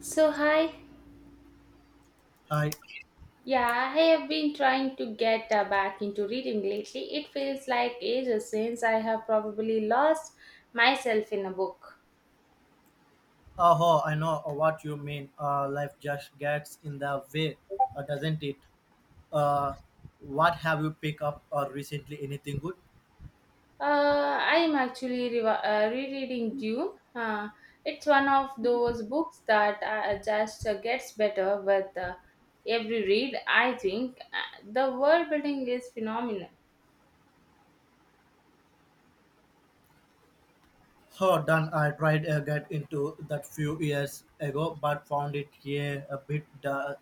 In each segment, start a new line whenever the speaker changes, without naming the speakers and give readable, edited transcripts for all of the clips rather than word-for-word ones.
So, hi.
Hi,
Yeah, I have been trying to get back into reading lately. It feels like ages since I have probably lost myself in a book.
oh, I know what you mean. Life just gets in the way, doesn't it? Uh, what have you picked up or recently? Anything good?
Uh, I am actually rereading Dune. It's one of those books that just gets better with every read, I think. The world building is phenomenal.
Oh, done. I tried to get into that few years ago, but found it here a bit.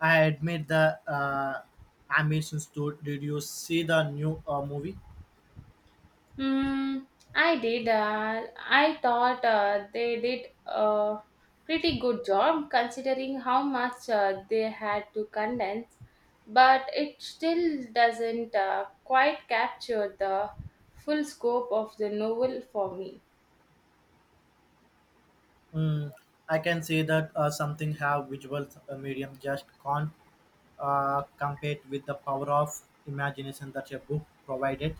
I admit the ambitions to. Did you see the new movie?
Mm, I did. I thought they did a pretty good job considering how much they had to condense, but it still doesn't quite capture the full scope of the novel for me.
Mm, I can say that something have visual medium just can't compete with the power of imagination that a book provided.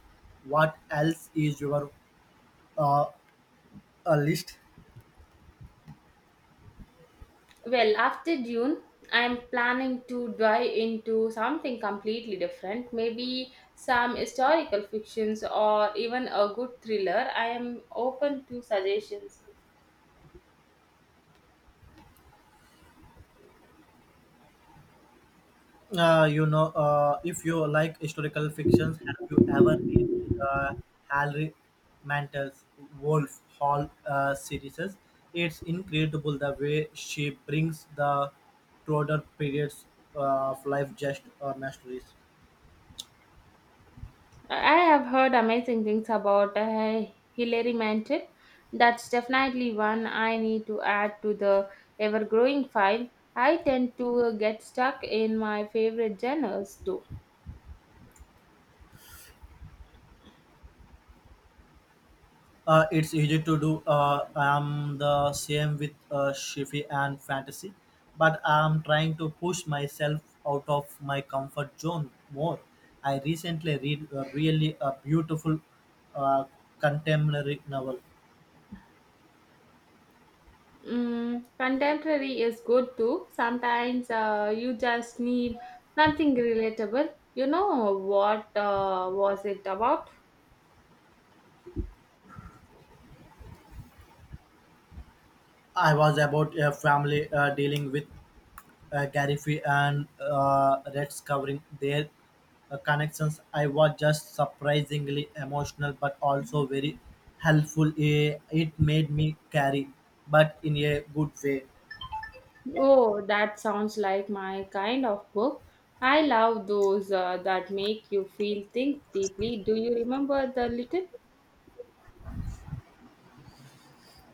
What else is your uh, a list?
Well, after June, I'm planning to dive into something completely different, maybe some historical fictions or even a good thriller. I am open to suggestions.
If you like historical fictions, have you ever read Harry Mantel's Wolf Hall series? It's incredible the way she brings the broader periods of life just masteries.
I have heard amazing things about Hilary Mantel. That's definitely one I need to add to the ever growing file. I tend to get stuck in my favorite genres too.
It's easy to do. I'm the same with Shifi and fantasy, but I'm trying to push myself out of my comfort zone more. I recently read a really a beautiful uh, contemporary novel.
Mm, contemporary is good too. Sometimes you just need something relatable. You know what was it about?
I was about a family dealing with Gariffy and Reds covering their connections. I was just surprisingly emotional, but also very helpful. It made me carry, but in a good way.
Oh, that sounds like my kind of book. I love those that make you feel think deeply. Do you remember the little?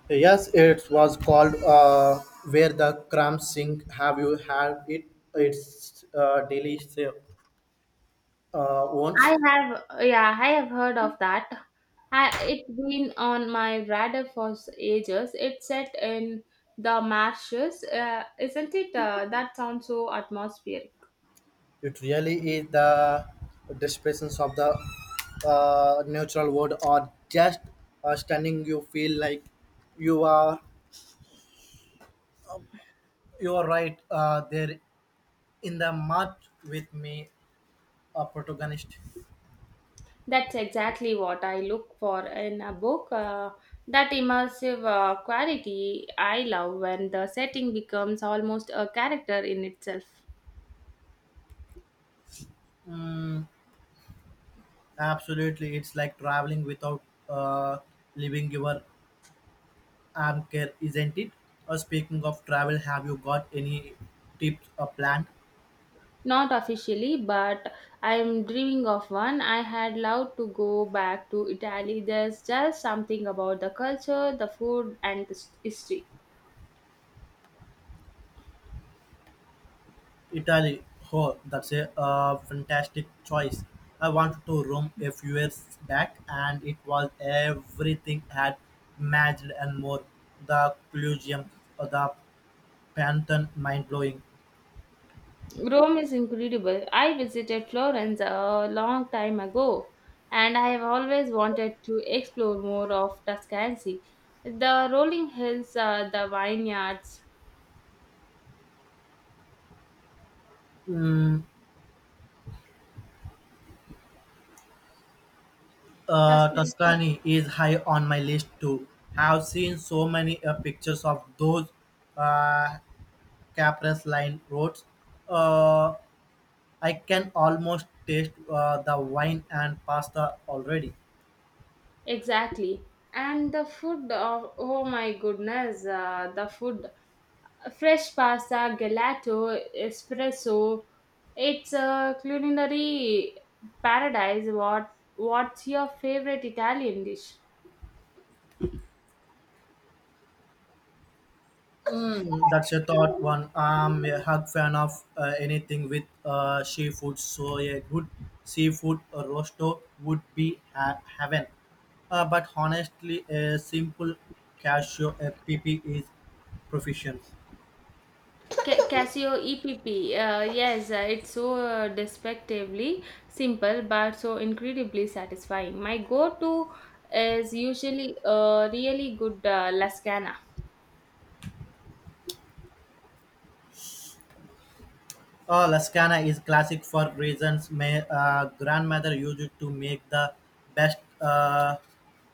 Yes, it was called Where the Crumbs Sink. Have you had it? It's delicious. Once.
I have, yeah, I have heard of that. I, it's been on my radar for ages. It's set in the marshes, isn't it? That sounds so atmospheric.
It really is the descriptions of the natural world or just stunning. You feel like you are you are right there in the mud with me, a protagonist.
That's exactly what I look for in a book. That immersive quality I love when the setting becomes almost a character in itself.
Mm, absolutely, it's like traveling without uh, leaving your anchor, isn't it? Speaking of travel, have you got any tips or plan?
Not officially, but I'm dreaming of one. I had loved to go back to Italy. There's just something about the culture, the food, and the history.
Italy. Oh, that's a fantastic choice. I wanted to Rome a few years back, and it was everything had magic and more. The Colosseum, the Pantheon, mind blowing.
Rome is incredible. I visited Florence a long time ago and I have always wanted to explore more of Tuscany. The rolling hills, the vineyards.
Mm,
Tuscany.
Tuscany is high on my list too. Have seen so many pictures of those uh, Caprese line roads. Uh, I can almost taste the wine and pasta already.
Exactly. And the food of, oh my goodness, the food. Fresh pasta, gelato, espresso. It's a culinary paradise. What, what's your favorite Italian dish?
That's a thought one. I'm a hug fan of anything with seafood, so a good seafood rosto would be heaven. But honestly, a simple cashew a PP is proficient.
Casio EPP. Yes, it's so despectively simple but so incredibly satisfying. My go to is usually a really good lasagna.
Lascana is classic for reasons. My grandmother used it to make the best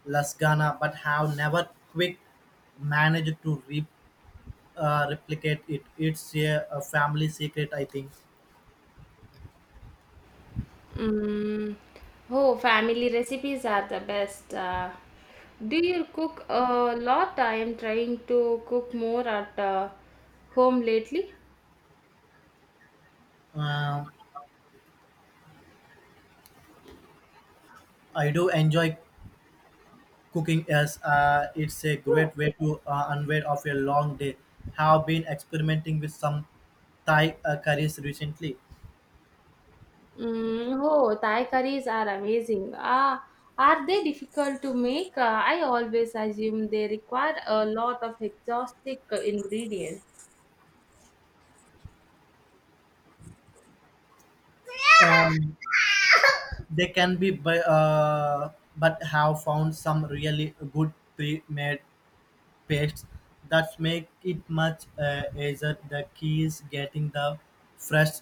Lascana, but have never quick managed to replicate it. It's a family secret, I think.
Mm. Oh, family recipes are the best. Do you cook a lot? I am trying to cook more at home lately.
Uh, I do enjoy cooking as it's a great way to unwind of a long day. Have been experimenting with some Thai curries recently.
Mm, oh, Thai curries are amazing. Ah, are they difficult to make? I always assume they require a lot of exhaustive ingredients.
Um, they can be, but have found some really good pre-made pastes that make it much easier. The key is getting the fresh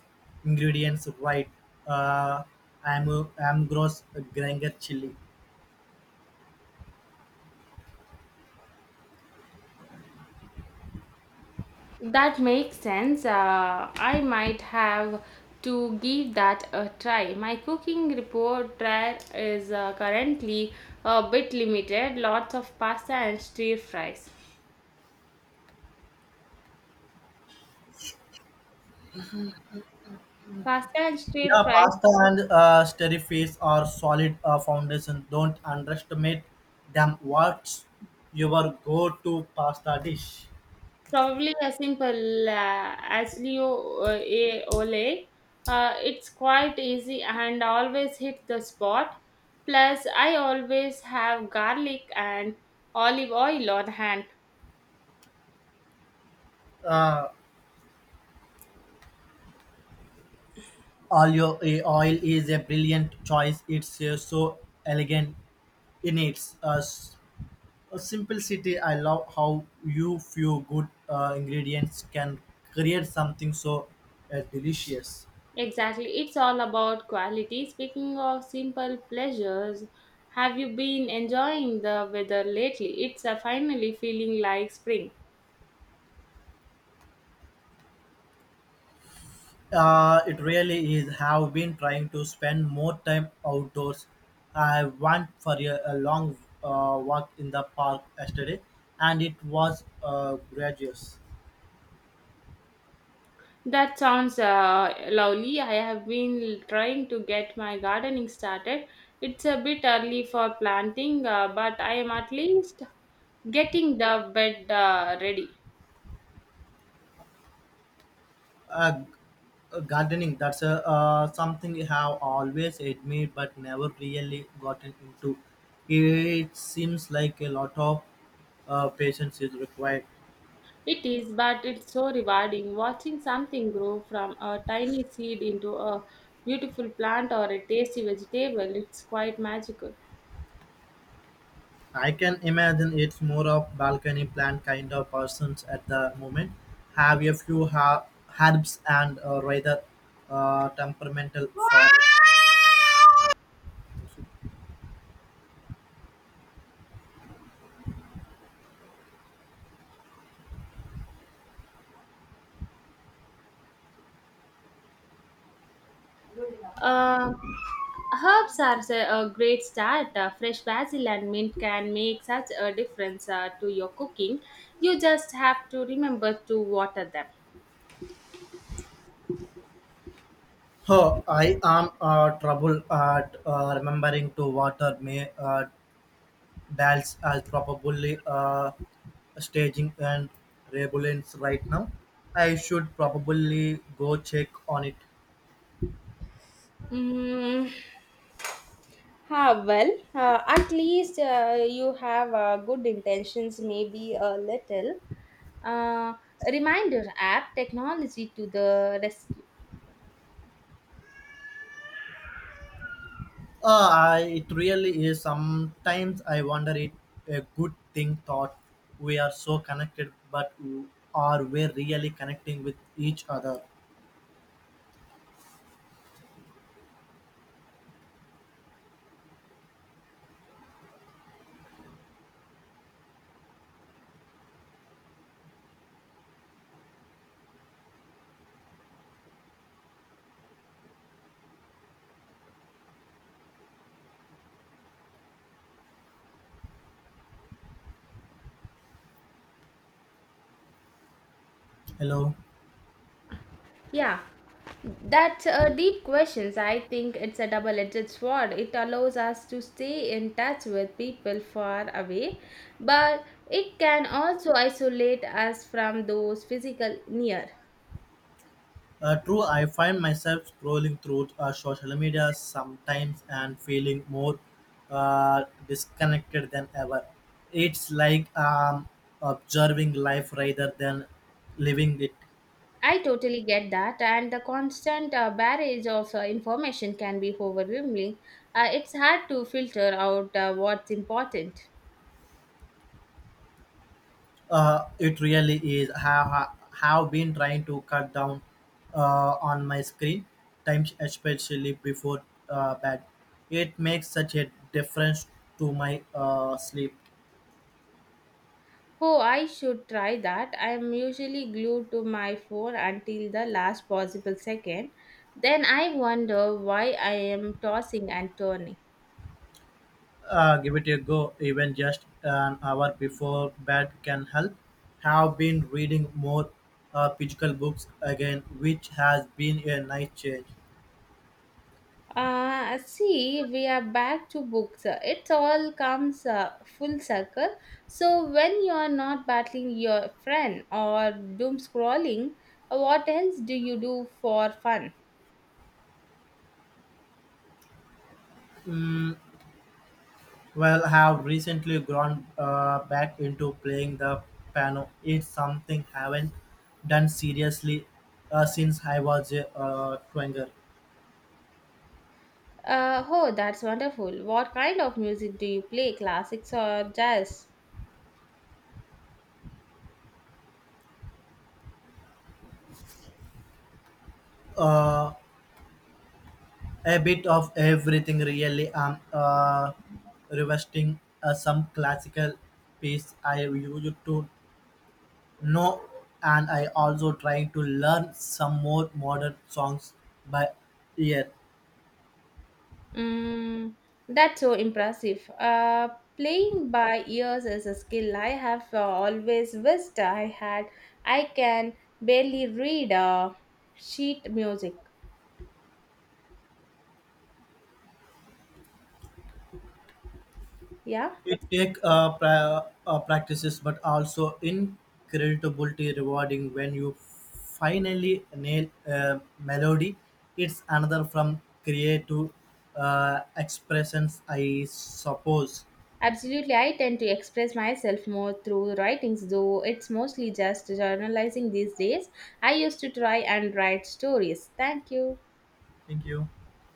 ingredients right. Uh, I'm gross granger chili.
That makes sense. I might have to give that a try. My cooking repertoire is currently a bit limited. Lots of pasta and stir fries. Pasta and stir
Yeah,
fries
pasta and stir fries are solid foundation. Don't underestimate them. What's your go-to pasta dish?
Probably as simple as Leo A. Ole. It's quite easy and always hit the spot. Plus, I always have garlic and olive oil on hand.
Uh, Olio oil is a brilliant choice. It's so elegant in its simplicity. I love how you few good ingredients can create something so delicious.
Exactly, it's all about quality. Speaking of simple pleasures, have you been enjoying the weather lately? It's finally feeling like spring.
It really is. Have been trying to spend more time outdoors. I went for a long walk in the park yesterday, and it was gorgeous.
That sounds lovely. I have been trying to get my gardening started. It's a bit early for planting, but I am at least getting the bed ready.
Uh, g- gardening that's a, something I have always admired but never really gotten into. It seems like a lot of patience is required.
It is, but it's so rewarding watching something grow from a tiny seed into a beautiful plant or a tasty vegetable. It's quite magical.
I can imagine it's more of balcony plant kind of persons at the moment. Have a few herbs and rather temperamental form.
Uh, Herbs are a great start. Fresh basil and mint can make such a difference to your cooking. You just have to remember to water them.
Oh, I am trouble at remembering to water may dals as probably staging and rebellions right now. I should probably go check on it.
Mm, ah, well, at least you have good intentions, maybe a little. Uh, Reminder app technology to the rescue.
It really is. Sometimes I wonder it a good thing thought we are so connected, but are we really connecting with each other? Hello.
Yeah, that's a deep question. I think it's a double-edged sword. It allows us to stay in touch with people far away, but it can also isolate us from those physical near.
True, I find myself scrolling through social media sometimes and feeling more disconnected than ever. It's like observing life rather than living it.
I totally get that, and the constant barrage of information can be overwhelming. It's hard to filter out what's important.
It really is. Have been trying to cut down on my screen times, especially before bed. It makes such a difference to my sleep.
Oh, I should try that. I am usually glued to my phone until the last possible second. Then I wonder why I am tossing and turning.
Give it a go. Even just an hour before bed can help. Have been reading more physical books again, which has been a nice change.
Ah, see, we are back to books. It all comes full circle. So, when you are not battling your friend or doom scrolling, what else do you do for fun?
Mm, Well, have recently gone back into playing the piano. It's something haven't done seriously since I was a twinger.
Oh, that's wonderful. What kind of music do you play? Classics or jazz?
Uh, a bit of everything really. I'm revisiting some classical piece I used to know, and I also trying to learn some more modern songs by ear.
Mm, that's so impressive. Playing by ears is a skill I have always wished I had. I can barely read sheet music. Yeah,
It take practices, but also incredibly rewarding when you finally nail a melody. It's another from creative expressions, I suppose.
absolutely. I tend to express myself more through writings, though it's mostly just journalizing these days. I used to try and write stories. Thank you.
Thank you.